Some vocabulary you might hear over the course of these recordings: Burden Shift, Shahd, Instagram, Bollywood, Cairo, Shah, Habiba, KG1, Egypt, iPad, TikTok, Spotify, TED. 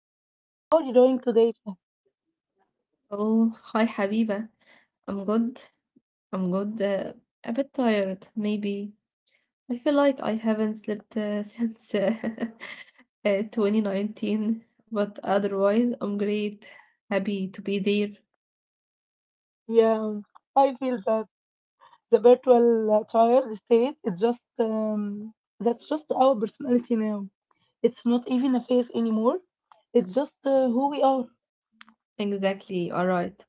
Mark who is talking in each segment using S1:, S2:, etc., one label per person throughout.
S1: Shah. How are you doing today, Shah?
S2: Oh, hi Habiba. I'm good. I'm good. A bit tired, maybe. I feel like I haven't slept since 2019, but otherwise, I'm great. Happy to be there.
S1: Yeah, um, I feel that the virtual child state is just that's just our personality now. It's not even a phase anymore. It's just who we are.
S2: Exactly. All right.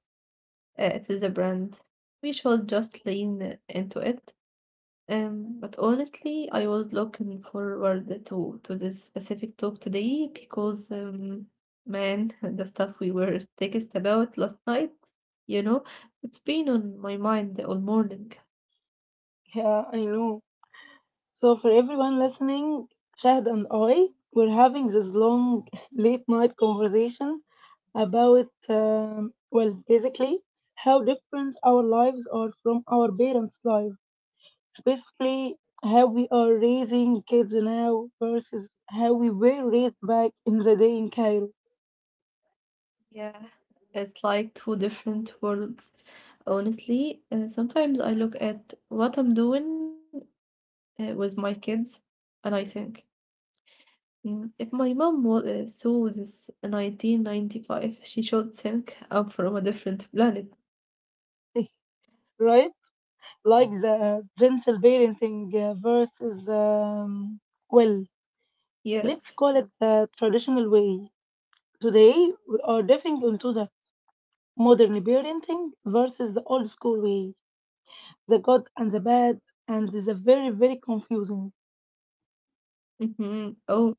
S2: It is a brand. We shall just lean into it. But honestly, I was looking forward to this specific talk today because, man, the stuff we were text about last night, you know, it's been on my mind all morning.
S1: Yeah, I know. So, for everyone listening, Shahd and I, we're having this long late night conversation about, basically, how different our lives are from our parents' lives. It's basically how we are raising kids now versus how we were raised back in the day in Cairo,
S2: Yeah, it's like two different worlds. Honestly, sometimes I look at what I'm doing with my kids, and I think, "Mm, if my mom was, saw this 1995, she should think I'm from a different planet."
S1: right? Like the gentle parenting versus, well, let's call it
S2: Yes.
S1: the traditional way. Today, we are diving into the modern parenting versus the old school way, the good and the bad, and the very, very confusing.
S2: Oh,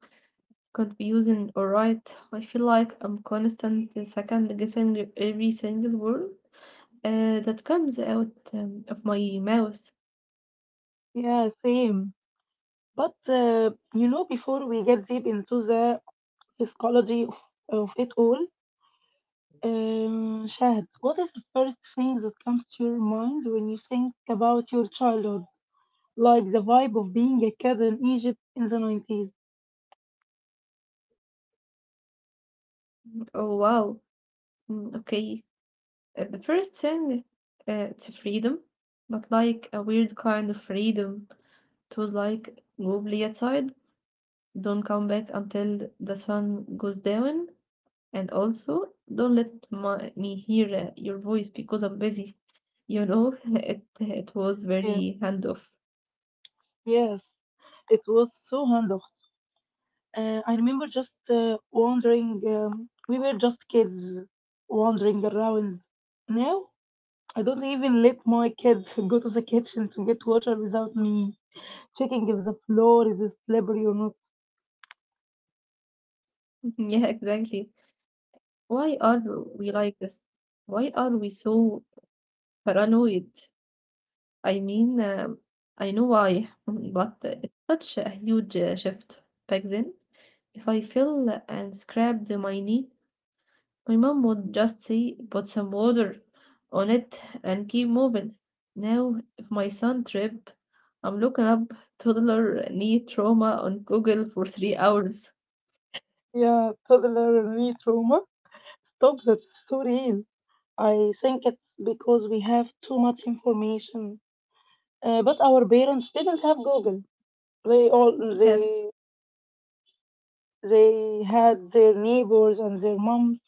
S2: confusing. All right. I feel like I'm constantly second guessing every single word that comes out of my mouth.
S1: Yeah, same. But, you know, before we get deep into the psychology of it all, Shahad, what is the first thing that comes to your mind when you think about your childhood? Like the vibe of being a kid in Egypt in the 90s.
S2: Oh, wow. Okay. The first thing, it's freedom, but like a weird kind of freedom. It was like, go play outside, don't come back until the sun goes down. And also, don't let me hear your voice because I'm busy. You know, it was
S1: Yeah,
S2: very handoff.
S1: yes, it was so hands off. I remember just wandering. We were just kids wandering around. Now I don't even let my kids go to the kitchen to get water without me checking if the floor is slippery or not.
S2: Yeah, exactly. Why are we like this? Why are we so paranoid? I mean, I know why, but it's such a huge shift back then. If I fell and scrapped my knee, my mom would just say, put some water on it and keep moving. Now, if my son trip, I'm looking up toddler knee trauma on Google for 3 hours.
S1: Yeah, toddler me trauma. Stop that. It's so real. I think it's because we have too much information. But our parents didn't have Google. They all
S2: Yes,
S1: they they had their neighbors and their moms.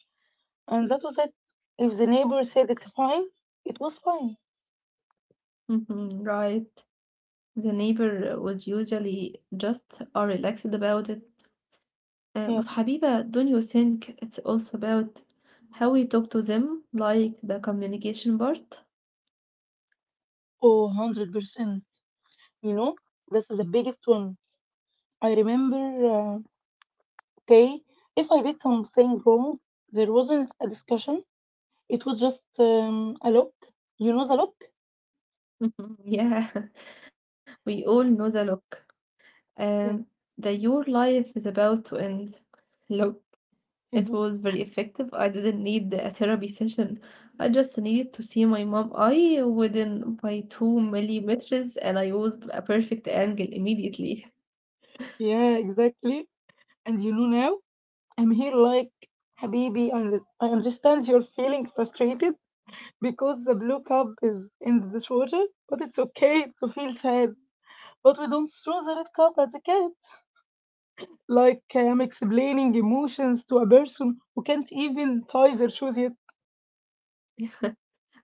S1: And that was it. If the neighbor said it's fine, it was fine.
S2: mhm, right. The neighbor would usually just are relaxed about it.
S1: Yeah.
S2: But Habiba, don't you think it's also about how we talk to them, like the communication part?
S1: Oh, 100%. You know, this is the biggest one. I remember, okay, if I did something wrong, there wasn't a discussion. It was just a look. You know the look?
S2: Yeah, we all know the look.
S1: Yeah.
S2: Um, that your life is about to end. Look, it was very effective. I didn't need a therapy session. I just needed to see my mom eye within by 2 millimeters, and I was a perfect angle immediately.
S1: Yeah, exactly. And you know now, I'm here like, Habibi, I understand you're feeling frustrated because the blue cup is in the dishwasher, but it's okay to feel sad. But we don't throw the red cup at the cat. Like I am explaining emotions to a person who can't even tie their shoes yet.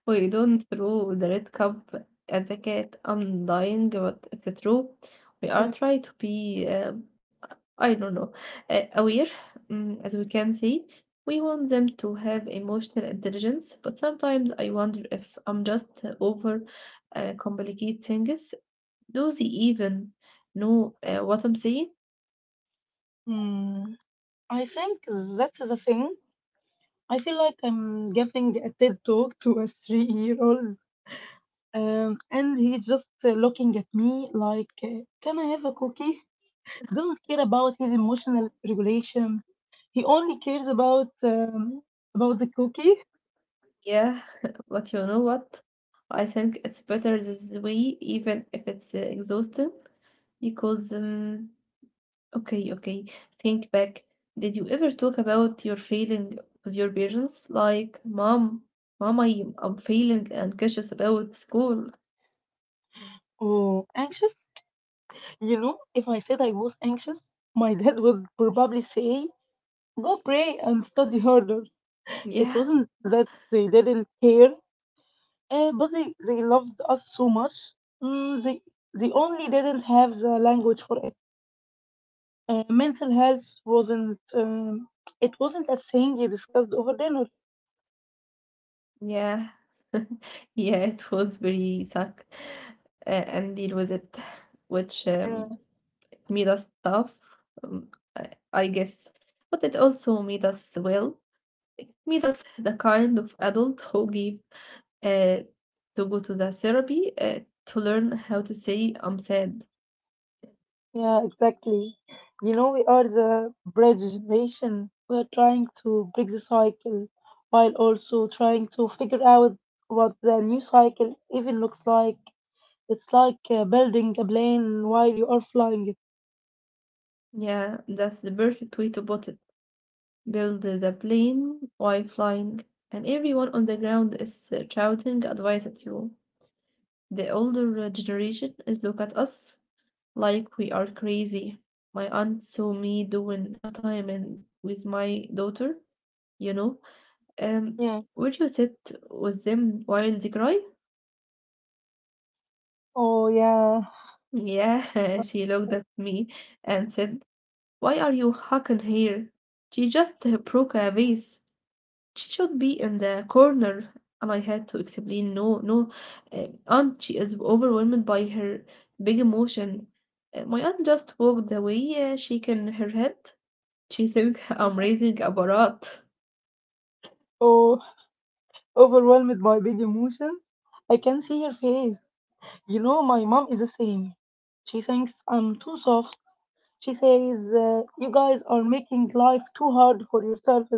S2: We don't throw the red cup at the cat. I'm dying, but it's true. We are trying to be, I don't know, aware, as we can see. We want them to have emotional intelligence, but sometimes I wonder if I'm just over complicate things. Do they even know what I'm saying?
S1: Hmm. I think that's the thing. I feel like I'm giving a TED talk to a 3 year old. And he's just looking at me like, can I have a cookie? Doesn't care about his emotional regulation. He only cares about the cookie.
S2: Yeah, but you know what? I think it's better this way, even if it's exhausting, because okay, okay, think back. Did you ever talk about your feeling with your parents? Like, mom, I'm feeling anxious about school.
S1: Oh, anxious? You know, if I said I was anxious, my dad would probably say, go pray and study harder. It
S2: Yeah.
S1: wasn't that they didn't care, but they loved us so much. Mm, they, they only didn't have the language for it. Mental health wasn't it wasn't a thing you discussed over dinner.
S2: Yeah. Yeah, it was very suck. And deal with it, which
S1: Eh,
S2: made us tough, um, I guess. But it also made us well. It made us the kind of adult who give uh, to go to the therapy to learn how to say I'm sad.
S1: Yeah, exactly. You know, we are the bridge generation. We are trying to break the cycle while also trying to figure out what the new cycle even looks like. It's like building a plane while you are flying it.
S2: Yeah, that's the perfect way to put it. Build the plane while flying, and everyone on the ground is shouting advice at you. The older generation is look at us like we are crazy. My aunt saw me doing a time in, with my daughter, you know. Um,
S1: Yeah.
S2: would you sit with them while they cry?
S1: Oh, yeah.
S2: Yeah, she looked at me and said, "Why are you hugging here? She just broke a vase. She should be in the corner," and I had to explain, "No, no, aunt, she is overwhelmed by her big emotion." My aunt just walked away, shaking her head. She think I'm raising a barat.
S1: Oh, overwhelmed by big emotions. I can see her face. You know, my mom is the same. She thinks I'm too soft. She says, you guys are making life too hard for yourselves.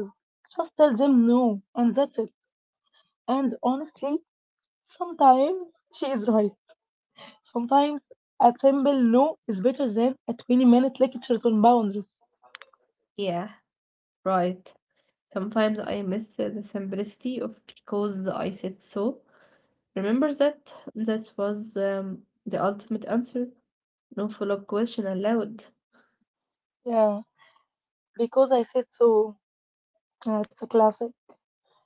S1: Just tell them no, and that's it. And honestly, sometimes she is right. Sometimes a simple no is better than a 20-minute lecture on boundaries.
S2: Yeah, right. Sometimes I miss the simplicity of because I said so. Remember that? That was the ultimate answer. No follow-up question allowed.
S1: Yeah, because I said so. It's a classic.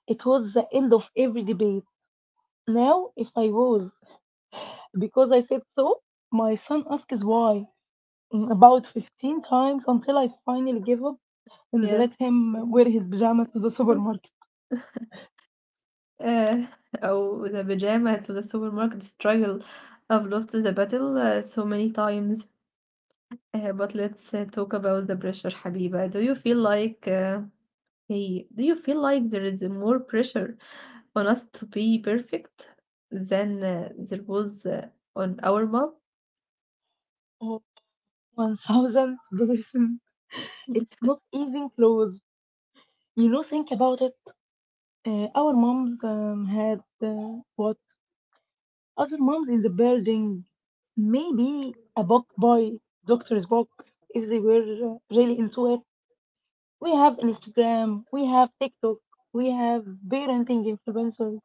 S1: It was the end of every debate. Now, if I was, because I said so, my son asks why about 15 times until I finally give up and let
S2: Yes.
S1: him wear his pajamas to the
S2: Uh,
S1: supermarket.
S2: oh, the pajama to the supermarket struggle. I've lost the battle so many times. But let's talk about the pressure, Habiba. Do you feel like, hey, do you feel like there is more pressure on us to be perfect than there was on our mom?
S1: Oh, 1000%. It's not even close. You know, think about it. Our moms had what? Other moms in the building. Maybe a book boy, doctor's book, if they were really into it. We have Instagram, we have TikTok, we have parenting influencers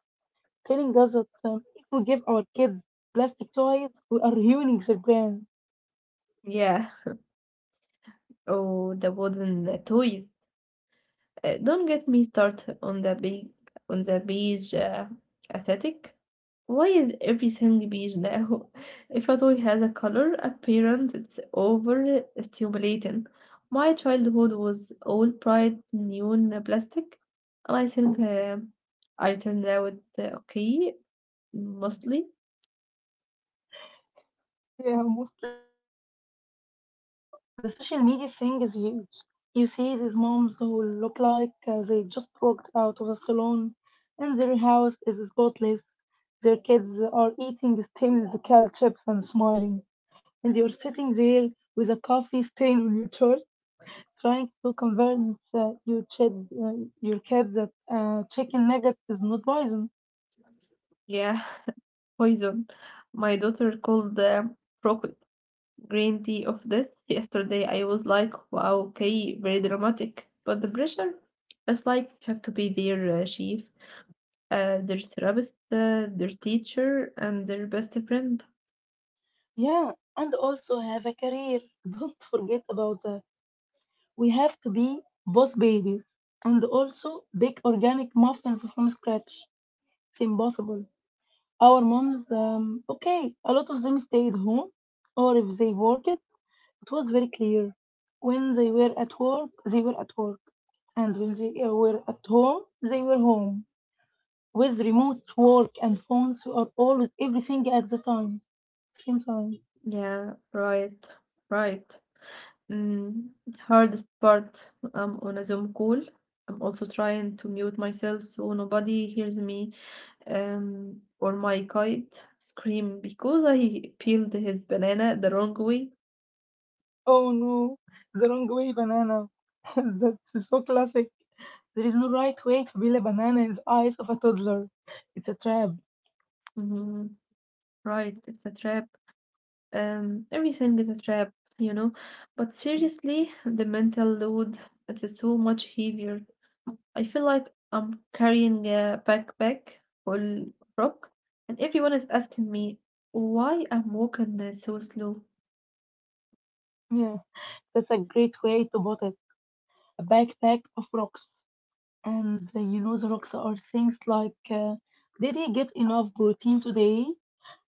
S1: telling us that if we give our kids plastic toys, we are ruining their brains.
S2: Yeah, oh, the wooden toys. Don't get me started on on the beige aesthetic. Why is everything beige now? If a toy has a color appearance, it's over stimulating. My childhood was all bright neon plastic, and I think I turned out okay mostly.
S1: Yeah, mostly. But you know, the social media thing is huge. You see these moms who look like they just walked out of a salon and their house is spotless. Their kids are eating steamed kale chips and smiling. And you're sitting there with a coffee stain on your shirt, trying to convince your kid that chicken nugget is not poison.
S2: Yeah. Poison. My daughter called the rocket green tea of death yesterday. I was like, wow, okay, very dramatic. But the pressure, it's like you have to be their chief, their therapist, their teacher, and their best friend.
S1: Yeah, and also have a career. Don't forget about the— we have to be boss babies and also bake organic muffins from scratch. It's impossible. Our moms, okay, a lot of them stayed home, or if they worked, it was very clear. When they were at work, they were at work, and when they were at home, they were home. With remote work and phones, we are always everything at same time.
S2: Yeah, right, right. Mm, hardest part, I'm on a Zoom call. I'm also trying to mute myself so nobody hears me. Or my kite scream because I peeled his banana the wrong way.
S1: Oh no, the wrong way banana. That's so classic. There is no right way to peel a banana in the eyes of a toddler. It's a trap.
S2: hmm Right, it's a trap. Everything is a trap, you know. But seriously, the mental load, it's so much heavier. I feel like I'm carrying a backpack full of rock, and everyone is asking me why I'm walking so slow.
S1: Yeah, that's a great way to put it. A backpack of rocks. And you know, the rocks are things like did he get enough protein today?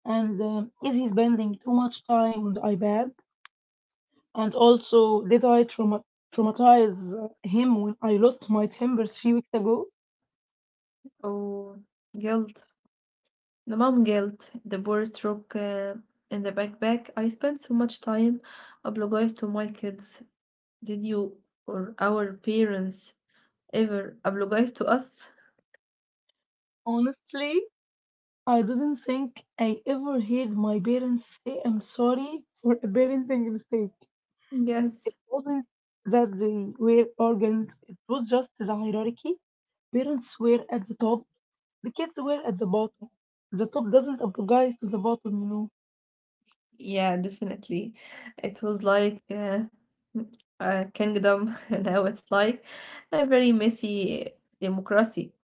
S1: And is he spending too much time on the iPad? And also, traumatize him when I lost my temper 3 weeks ago?
S2: Oh, guilt. The mom guilt, the poor stroke in the backpack. I spent so much time apologize to my kids. Did you or our parents ever apologize to us?
S1: Honestly, I didn't think I ever heard my parents say I'm sorry for a parenting mistake. It
S2: Yes.
S1: wasn't that they were arrogant, it was just the hierarchy. Parents were at the top, the kids were at the bottom. The top doesn't apologize to the bottom, you know.
S2: Yeah, definitely. It was like a kingdom, and now it's like a very messy democracy.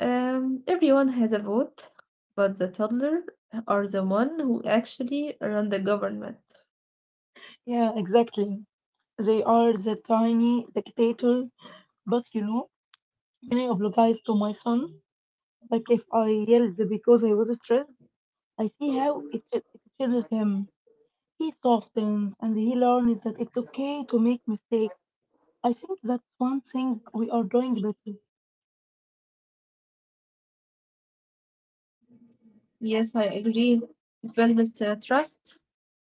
S2: Everyone has a vote, but the toddler are the one who actually run the government.
S1: Yeah, exactly. They are the tiny dictator, but you know, when I apologize to my son, like if I yelled because I was stressed, I see how it changes him. He softens and he learns that it's okay to make mistakes. I think that's one thing we are doing better.
S2: Yes, I agree. It builds the trust.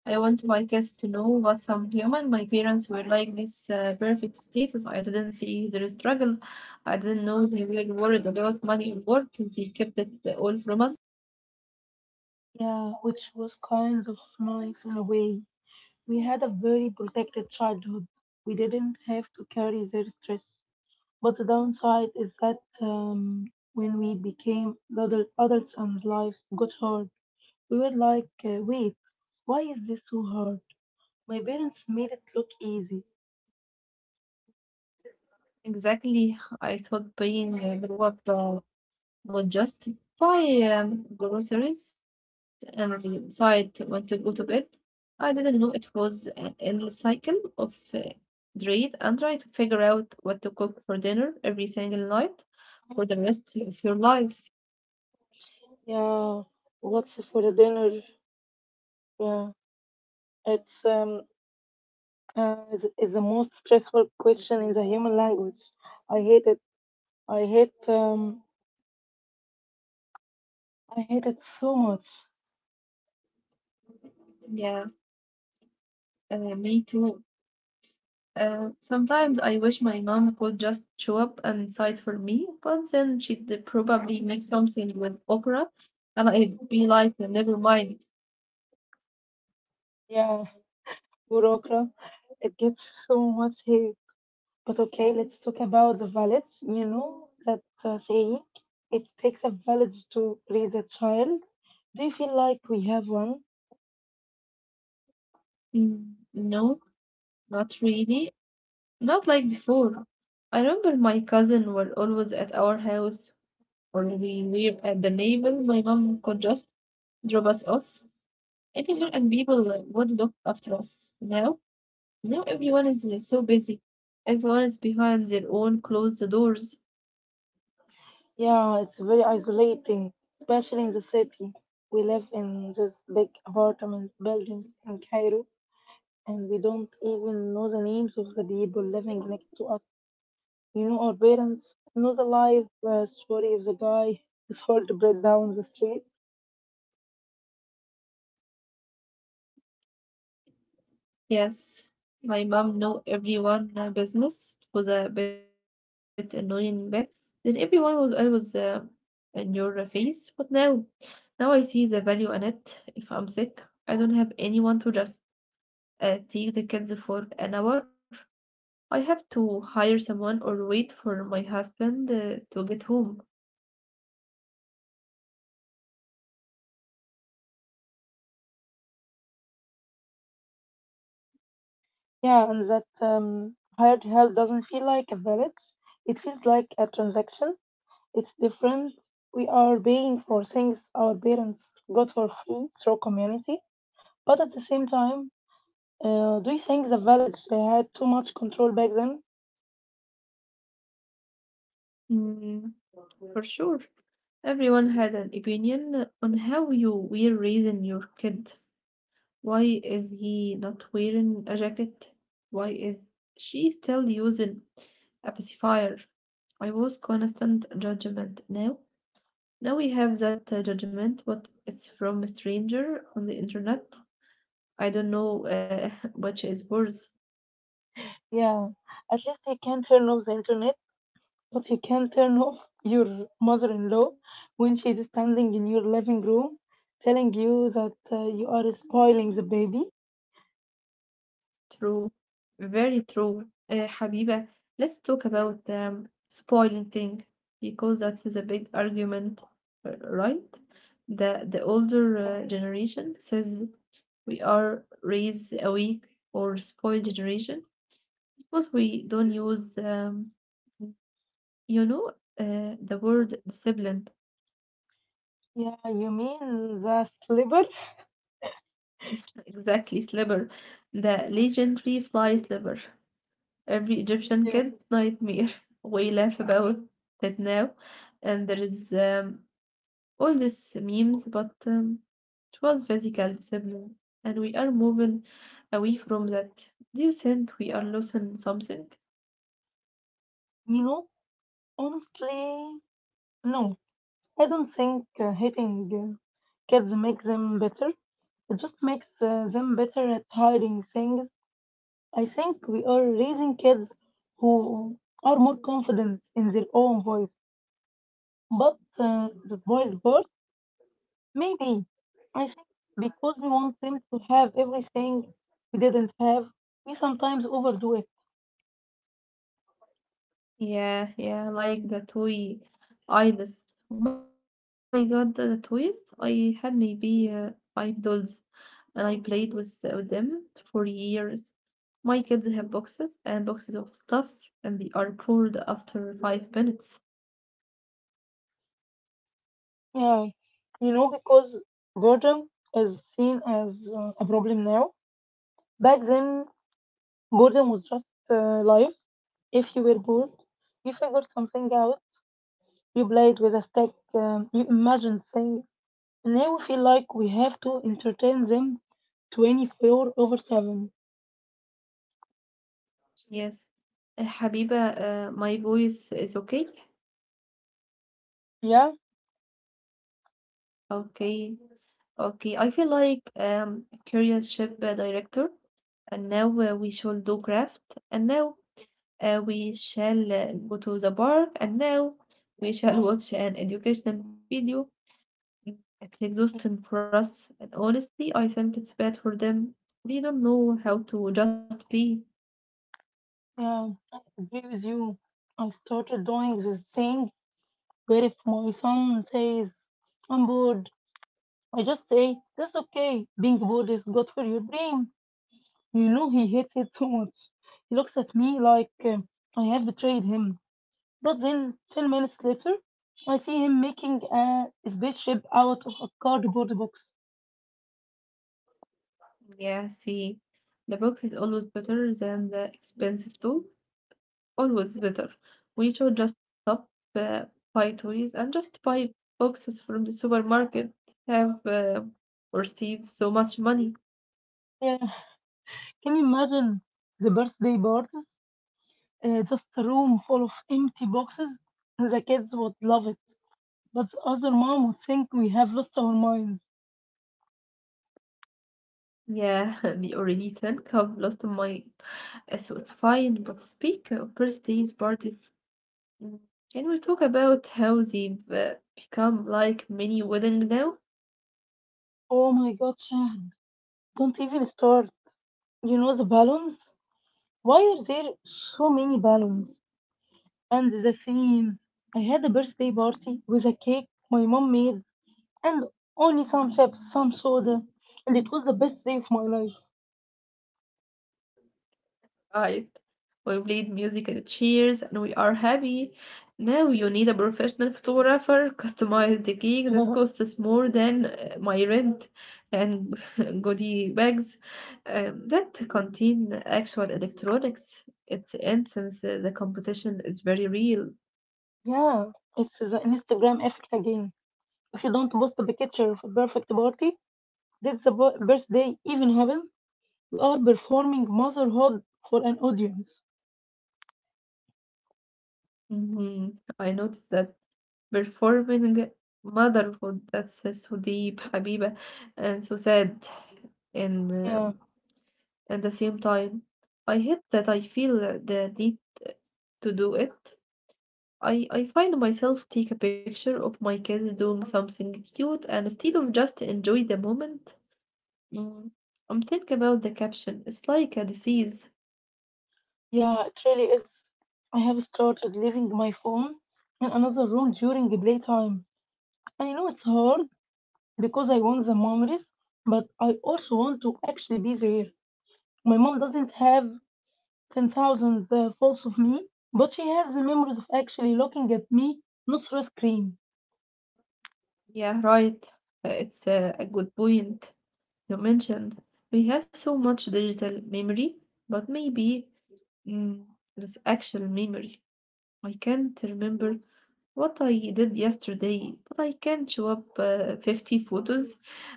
S2: I want my kids to know what some human. My parents were like this perfect status. I didn't see their struggle. I didn't know they were worried about money or work. They kept it all from us.
S1: Yeah, which was kind of nice in a way. We had a very protected childhood. We didn't have to carry their stress. But the downside is that when we became adults and life got hard, we were like, wait, why is this so hard? My parents made it look easy.
S2: Exactly. I thought being a grow up would just buy groceries and decide when to go to bed. I didn't know it was an endless cycle of dread and try to figure out what to cook for dinner every single night for the rest of your life.
S1: Yeah, what's for dinner? Yeah. It's is the most stressful question in the human language. I hate it. I hate um I hate it so much.
S2: Yeah, me too. Sometimes I wish my mom could just show up and decide for me, but then she'd probably make something with okra, and I'd be like, never mind.
S1: Yeah, Burokra. It gets so much hate. But okay, let's talk about the village. You know that saying, it takes a village to raise a child. Do you feel like we have one?
S2: Mm, no, not really. Not like before. I remember my cousin were always at our house, or we were at the neighbor. My mom could just drop us off anywhere, and people would look after us. Now, now everyone is so busy. Everyone is behind their own closed doors.
S1: Yeah, it's very isolating, especially in the city. We live in this big apartment buildings in Cairo and we don't even know the names of the people living next to us. You know, our parents know the life story of the guy whose heart bread down the street.
S2: Yes, my mom know everyone in our business. It was a bit annoying back. Then everyone was always in your face. But now, now I see the value in it. If I'm sick, I don't have anyone to just take the kids for an hour. I have to hire someone or wait for my husband to get home.
S1: Yeah, and that hired help doesn't feel like a village. It feels like a transaction. It's different. We are paying for things our parents got for free through community. But at the same time, do you think the village had too much control back then?
S2: Mm, for sure. Everyone had an opinion on how you were raising your kid. Why is he not wearing a jacket? Why is she still using a pacifier? I was constant judgment. Now, now we have that judgment, but it's from a stranger on the internet. I don't know which is worse.
S1: Yeah, at least they can turn off the internet. But you can turn off your mother in law when she is standing in your living room telling you that you are spoiling the baby.
S2: True. Very true, Habiba. Let's talk about the spoiling thing because that's the big argument, right? The older generation says we are raised awake or spoiled generation because we don't use you know the word discipline.
S1: Yeah, you mean the liver?
S2: Exactly, sliver, the legendary fly sliver. Every Egyptian
S1: Yeah.
S2: kid nightmare. We laugh about that now, and there is all these memes, but it was physical discipline, and we are moving away from that. Do you think we are losing something?
S1: You know, honestly, no. I don't think hitting kids makes them better. It just makes them better at hiding things. I think we are raising kids who are more confident in their own voice. But the boiled part, maybe. I think because we want them to have everything we didn't have, we sometimes overdo it.
S2: Yeah, yeah, like the toy idols. Oh my god, the toys! I had maybe five dolls and I played with them for years. My kids have boxes and boxes of stuff, and they are cold after 5 minutes.
S1: Yeah. You know, because boredom is seen as a problem now. Back then, boredom was just life. If you were bored, you figured something out, you played with a stick, you imagined things. Now we feel like we have to entertain them 24 over 7.
S2: Yes. Habiba, my voice is okay.
S1: Yeah?
S2: Okay. Okay. I feel like curious ship director, and now we shall do craft, and now we shall go to the park, and now we shall watch an educational video. Mm, it's exhausting for us, and honestly, I think it's bad for them. They don't know how to just be.
S1: Yeah, I agree with you. I started doing this thing where if my son says, I'm bored, I just say, that's okay. Being bored is good for your brain. You know, he hates it so much. He looks at me like I have betrayed him. But then, 10 minutes later, I see him making a spaceship out of a cardboard box.
S2: Yeah, see, the box is always better than the expensive tool. Always better. We should just stop uh, buy toys and just buy boxes from the supermarket. Have or save so much money.
S1: Yeah, can you imagine the birthday parties? Just a room full of empty boxes. The kids would love it. But the other mom would think we have lost our minds.
S2: Yeah, they already think I've lost my. So it's fine, but speak of birthdays, parties. Mm, can we talk about how they've become like mini wedding now?
S1: Oh my god, Shahd. Don't even start. You know the balloons? Why are there so many balloons? And the themes. I had a birthday party with a cake my mom made and only some chips, some soda. And it was the best day of my life.
S2: Right. We played music and cheers and we are happy. Now you need a professional photographer, customize the gig that costs us more than my rent and goodie bags. That contain actual electronics. It's instance the competition is very real.
S1: Yeah, it's the Instagram effect again. If you don't post the picture of a perfect party, did the birthday even happen? We are performing motherhood for an audience.
S2: Hmm. I noticed that performing motherhood that's so deep, habiba, and so sad. And
S1: Yeah,
S2: At the same time, I hate that I feel the need to do it. I find myself take a picture of my kids doing something cute and instead of just enjoy the moment, mm, I'm thinking about the caption. It's like a disease.
S1: yeah, it really is. I have started leaving my phone in another room during the playtime. I know it's hard because I want the memories, but I also want to actually be there. My mom doesn't have 10,000 photos of me, but she has the memories of actually looking at me, not through a screen.
S2: Yeah, right. It's a good point. You mentioned we have so much digital memory, but maybe mm, there's actual memory. I can't remember what I did yesterday, but I can show up 50 photos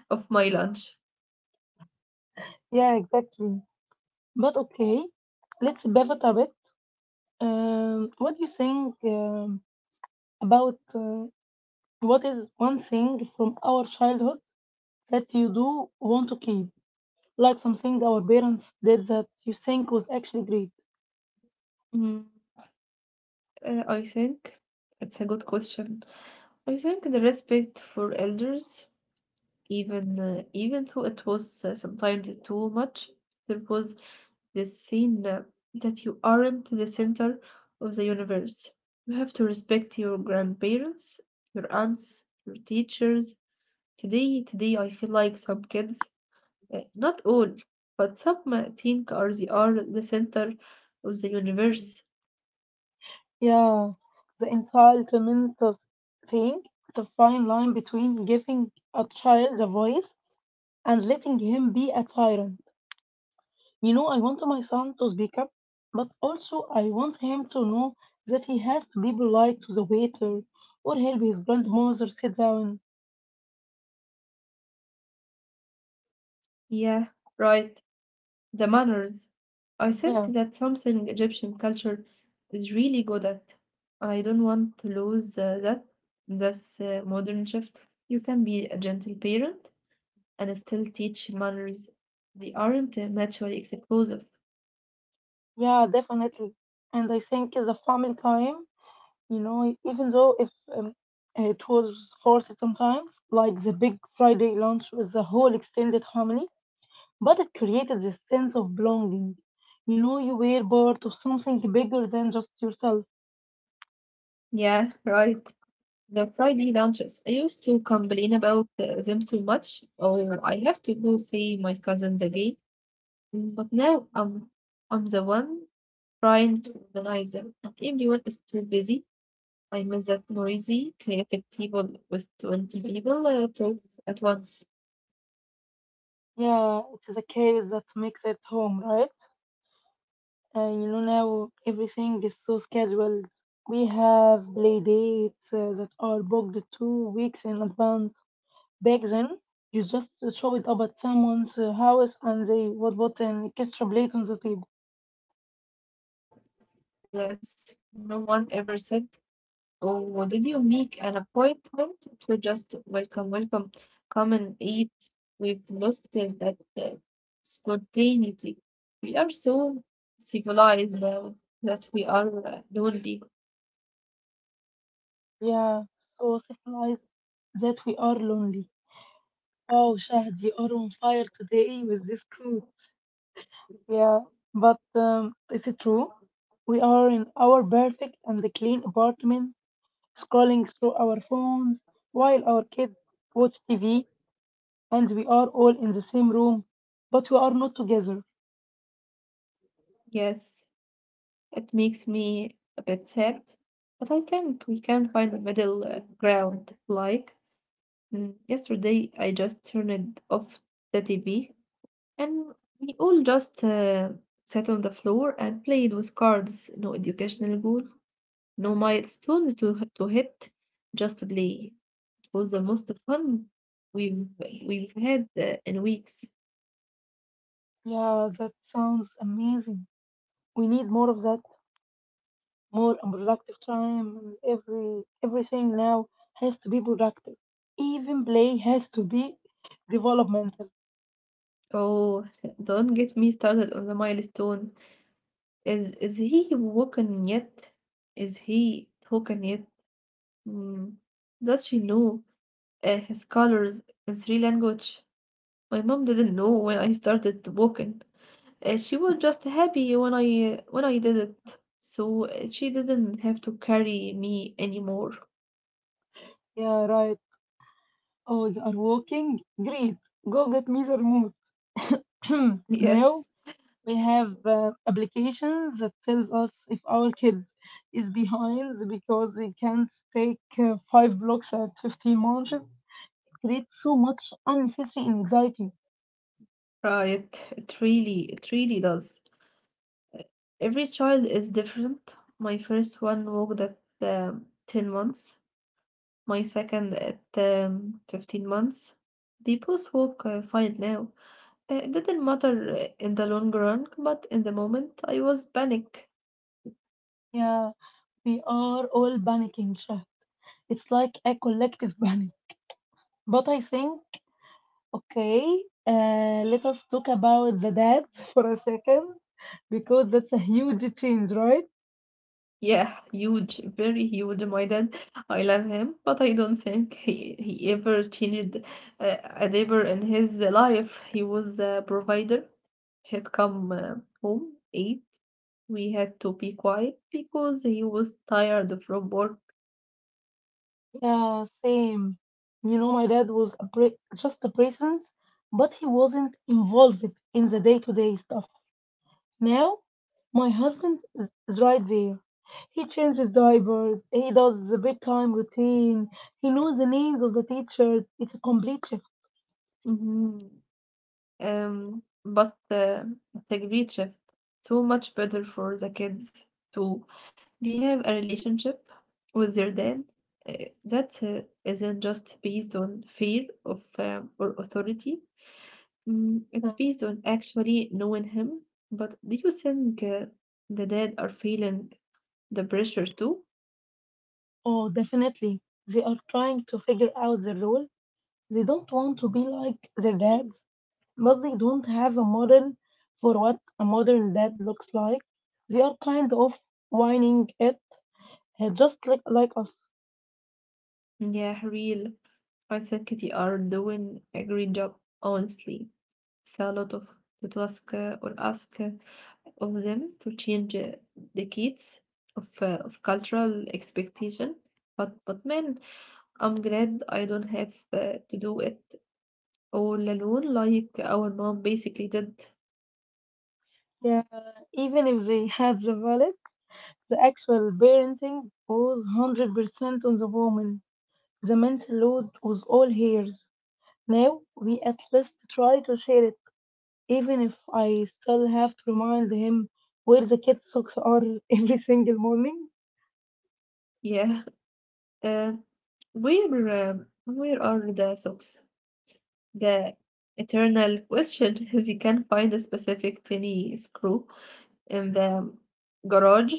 S2: of my lunch.
S1: Yeah, exactly. But okay, let's pivot a bit. What do you think about what is one thing from our childhood that you do want to keep, like something our parents did that you think was actually great?
S2: Mm, I think it's a good question. I think the respect for elders, even even though it was sometimes too much, there was this scene that you aren't the center of the universe. You have to respect your grandparents, your aunts, your teachers. Today I feel like some kids not all, but some think are they are the center of the universe.
S1: Yeah, the entitlement of thing, the fine line between giving a child a voice and letting him be a tyrant. You know, I want my son to speak up, but also I want him to know that he has to be polite to the waiter or help his grandmother sit down.
S2: Yeah, right. The manners. I think
S1: Yeah,
S2: that's something Egyptian culture is really good at. I don't want to lose that. That's modern shift. You can be a gentle parent and still teach manners. They aren't mutually exclusive.
S1: yeah, definitely. And I think the family time, you know, even though if um, it was forced sometimes, like the big Friday lunch with the whole extended family, but it created this sense of belonging. You know, you were part of something bigger than just yourself.
S2: Yeah, right. The Friday lunches, I used to complain about them so much, or I have to go see my cousins again. But I'm the one trying to organize them, and everyone is too busy. I miss that noisy, chaotic table with 20 people talk at once.
S1: Yeah, it is a case that makes it home, right? And you know, now everything is so scheduled. We have play dates that are booked 2 weeks in advance. Back then, you just chop it up at someone's house and they would put an extra plate on the table.
S2: Yes, no one ever said, oh, did you make an appointment to just welcome, come and eat? We've lost that spontaneity. We are so civilized now that we are lonely.
S1: Yeah, so symbolize that we are lonely. Oh, Shahd, you are on fire today with this quote. Yeah, but is it true? We are in our perfect and clean apartment, scrolling through our phones while our kids watch TV, and we are all in the same room, but we are not together.
S2: Yes, it makes me a bit sad, but I think we can find a middle ground. Like, yesterday I just turned off the TV. And we all just sat on the floor and played with cards. No educational goal, no milestones to hit, just to play. It was the most fun we've we've had in weeks.
S1: Yeah, that sounds amazing. We need more of that, more unproductive time. And everything now has to be productive, even play has to be developmental.
S2: Oh, don't get me started on the milestone. Is he walking yet? Is he talking yet? Mm. Does she know his colors in three language? My mom didn't know when I started walking. She was just happy when I did it, so she didn't have to carry me anymore.
S1: Yeah, right. Oh, you are walking great. Go get me the remote
S2: Yes,
S1: now. We have applications that tells us if our kid is behind because he can't take five blocks at 15 months. It creates so much unnecessary anxiety.
S2: right. It really does. Every child is different. My first one walked at 10 months. My second at 15 months. They both walk fine now. It didn't matter in the long run, but in the moment I was panic.
S1: Yeah, we are all panicking, Shah. It's like a collective panic. But I think, okay, let us talk about the dads for a second, because that's a huge change, right?
S2: Yeah, huge, very huge, my dad. I love him, but I don't think he ever changed a diaper in his life. He was a provider. He'd come home, eat. We had to be quiet because he was tired from work.
S1: Yeah, same. You know, my dad was just a presence, but he wasn't involved in the day-to-day stuff. Now, my husband is right there. He changes diapers, he does the bedtime routine, he knows the names of the teachers. It's a complete shift.
S2: Mhm. But the great shift, so much better for the kids too. They have a relationship with their dad uh, that isn't just based on fear of or authority. It's based on actually knowing him. But do you think the dad are feeling the pressure too?
S1: Oh, definitely. They are trying to figure out their role. They don't want to be like their dads, but they don't have a model for what a modern dad looks like. They are kind of whining it, just like us.
S2: Yeah, real. I think they are doing a great job, honestly. It's a lot of to ask or ask. Of them to change the kids of cultural expectation. But man, I'm glad I don't have to do it all alone like our mom basically did.
S1: Yeah, even if they had the wallet, the actual parenting was 100% on the woman. The mental load was all hers. Now we at least try to share it, even if I still have to remind him where the kid socks are every single morning.
S2: Yeah. Uh, where where are the socks? The eternal question is you can find a specific tiny screw in the garage,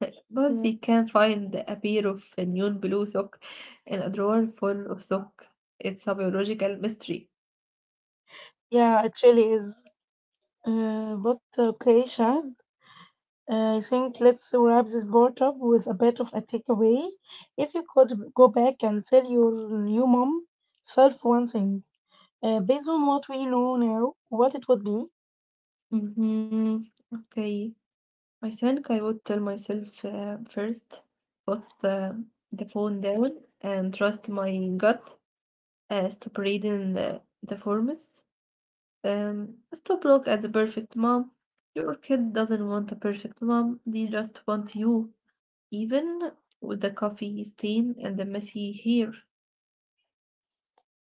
S2: but
S1: Yeah.
S2: you can find a pair of neon blue sock in a drawer full of sock. It's a biological mystery.
S1: Yeah, it really is. But okay, Shad, I think let's wrap this part up with a bit of a takeaway. If you could go back and tell your new mom self one thing, based on what we know now, what it would be.
S2: Mm-hmm. Okay. I think I would tell myself first, put the phone down and trust my gut. Stop reading the forms. Stop look at the perfect mom. Your kid doesn't want a perfect mom. They just want you, even with the coffee stain and the messy hair.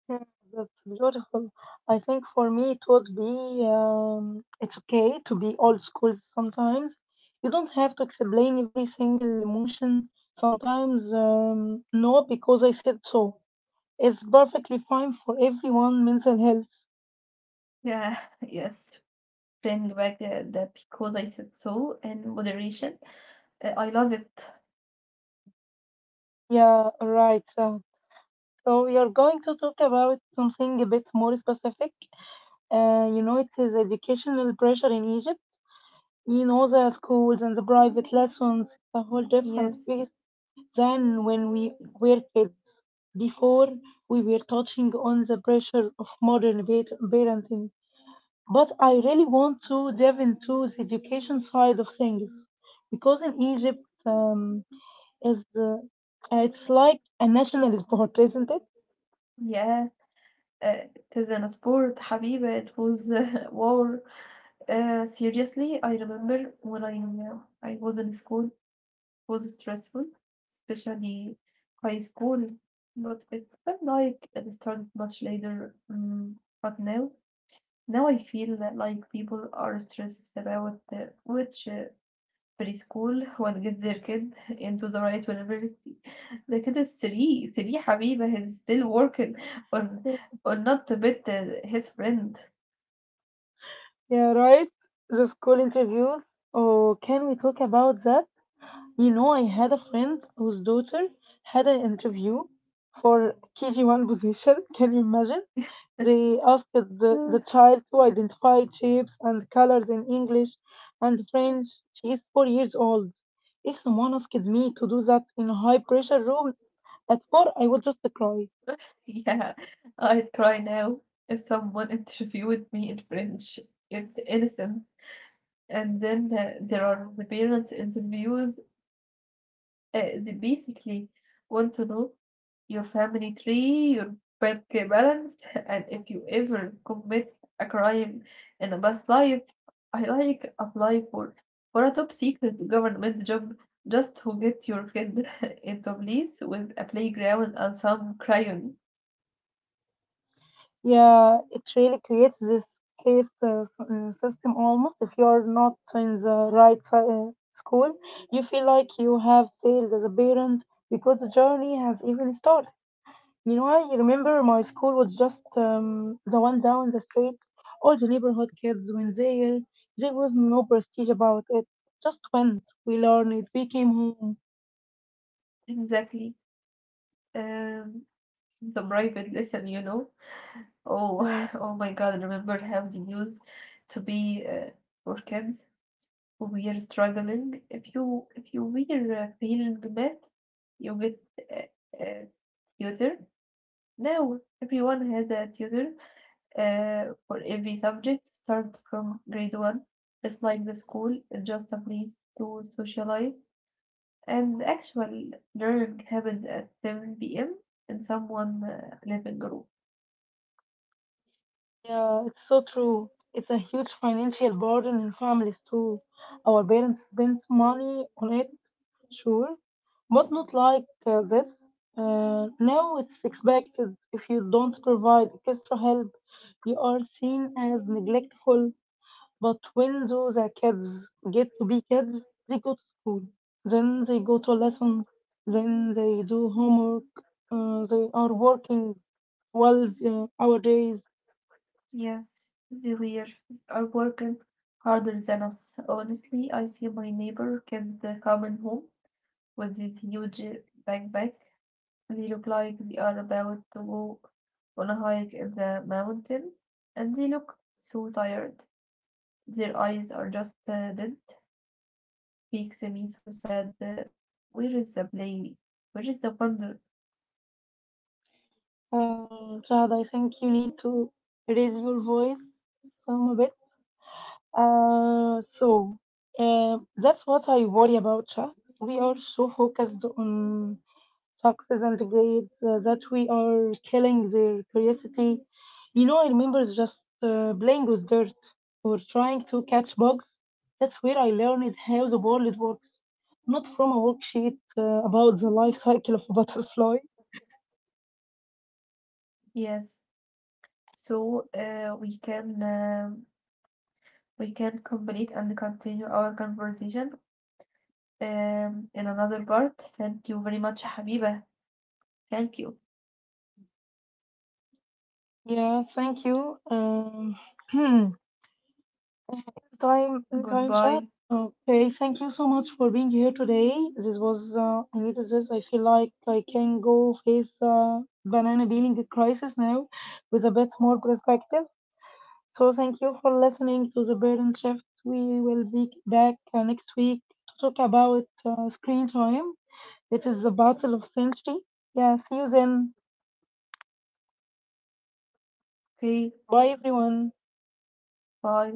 S1: Yeah, that's beautiful. I think for me it would be, it's okay to be old school sometimes. You don't have to explain every single emotion. Sometimes, no, because I said so. It's perfectly fine for everyone, mental health.
S2: Yeah, yes. Bring back the because I said so and moderation. I love it.
S1: Yeah, right. So, so we are going to talk about something a bit more specific. You know, it is educational pressure in Egypt. You know, the schools and the private lessons, a whole different
S2: Yes.
S1: piece than when we were kids. Before, we were touching on the pressure of modern parenting. But I really want to dive into the education side of things because in Egypt, is it's like a national sport, isn't it?
S2: Yeah. It is an sport, حبيبي. It was war. Seriously, I remember when I was in school, it was stressful, especially high school. But it felt like it started much later. But now I feel that like people are stressed about which preschool وهنجيب their kid into the right university. ده كده الثري ثري حبيبة he's still working on on not to bet his friend.
S1: Yeah, right. The school interviews. Oh, can we talk about that? You know, I had a friend whose daughter had an interview for KG1 position. Can you imagine? They asked the child to identify shapes and colors in English and French. She is 4 years old. If someone asked me to do that in a high pressure room at 4, I would just cry.
S2: Yeah, I'd cry now if someone interviewed me in French. It's innocent. And then there are the parents interviews. They basically want to know your family tree, your bank balance, and if you ever commit a crime in a past life. I like apply for a top secret government job just to get your kid into place with a playground and some crayon.
S1: Yeah, it really creates this case system almost. If you're not in the right school, you feel like you have failed as a parent because the journey has even started. You know, I remember my school was just the one down the street. All the neighborhood kids went there. There was no prestige about it. Just went. We learned. We came home.
S2: Exactly. Um, the private lesson, you know. Oh,
S1: Uh,
S2: oh my God, remember how they used to be for kids who were struggling? If you were feeling bad, you get uh, a tutor. Now everyone has a tutor for every subject, start from grade one. It's like the school, it's just a place to socialize. And actual learning happened at 7 p.m. in someone living room.
S1: Yeah, it's so true. It's a huge financial burden in families too. Our parents spent money on it, sure, but not like this. Now it's expected, if you don't provide extra help, you are seen as neglectful. But when those kids get to be kids, they go to school, then they go to lessons, then they do homework, they are working 12 hour days.
S2: Yes, they were, are working harder than us. Honestly, I see my neighbor kid coming home with this huge backpack. They look like they are about to go on a hike in the mountain, and they look so tired. Their eyes are just dead. Makes me so sad. Where is the play? Where is the wonder?
S1: Shahad, I think you need to raise your voice some a bit. So, that's what I worry about, Shahad. We are so focused on success and grades that we are killing their curiosity. You know, I remember just playing with dirt or trying to catch bugs. That's where I learned how the world works, not from a worksheet about the life cycle of a butterfly.
S2: Yes, so we can complete and continue our conversation in another part. Thank you very much, حبيبة. Thank you.
S1: Yeah, thank you. Anytime,
S2: Goodbye.
S1: anytime, Chad. Okay, thank you so much for being here today. This was, I needed this. I feel like I can go face the banana peeling crisis now with a bit more perspective. So, thank you for listening to the Burden Shift. We will be back next week to talk about screen time. It is the battle of century. Yeah, see you then.
S2: Okay.
S1: Bye, everyone.
S2: Bye.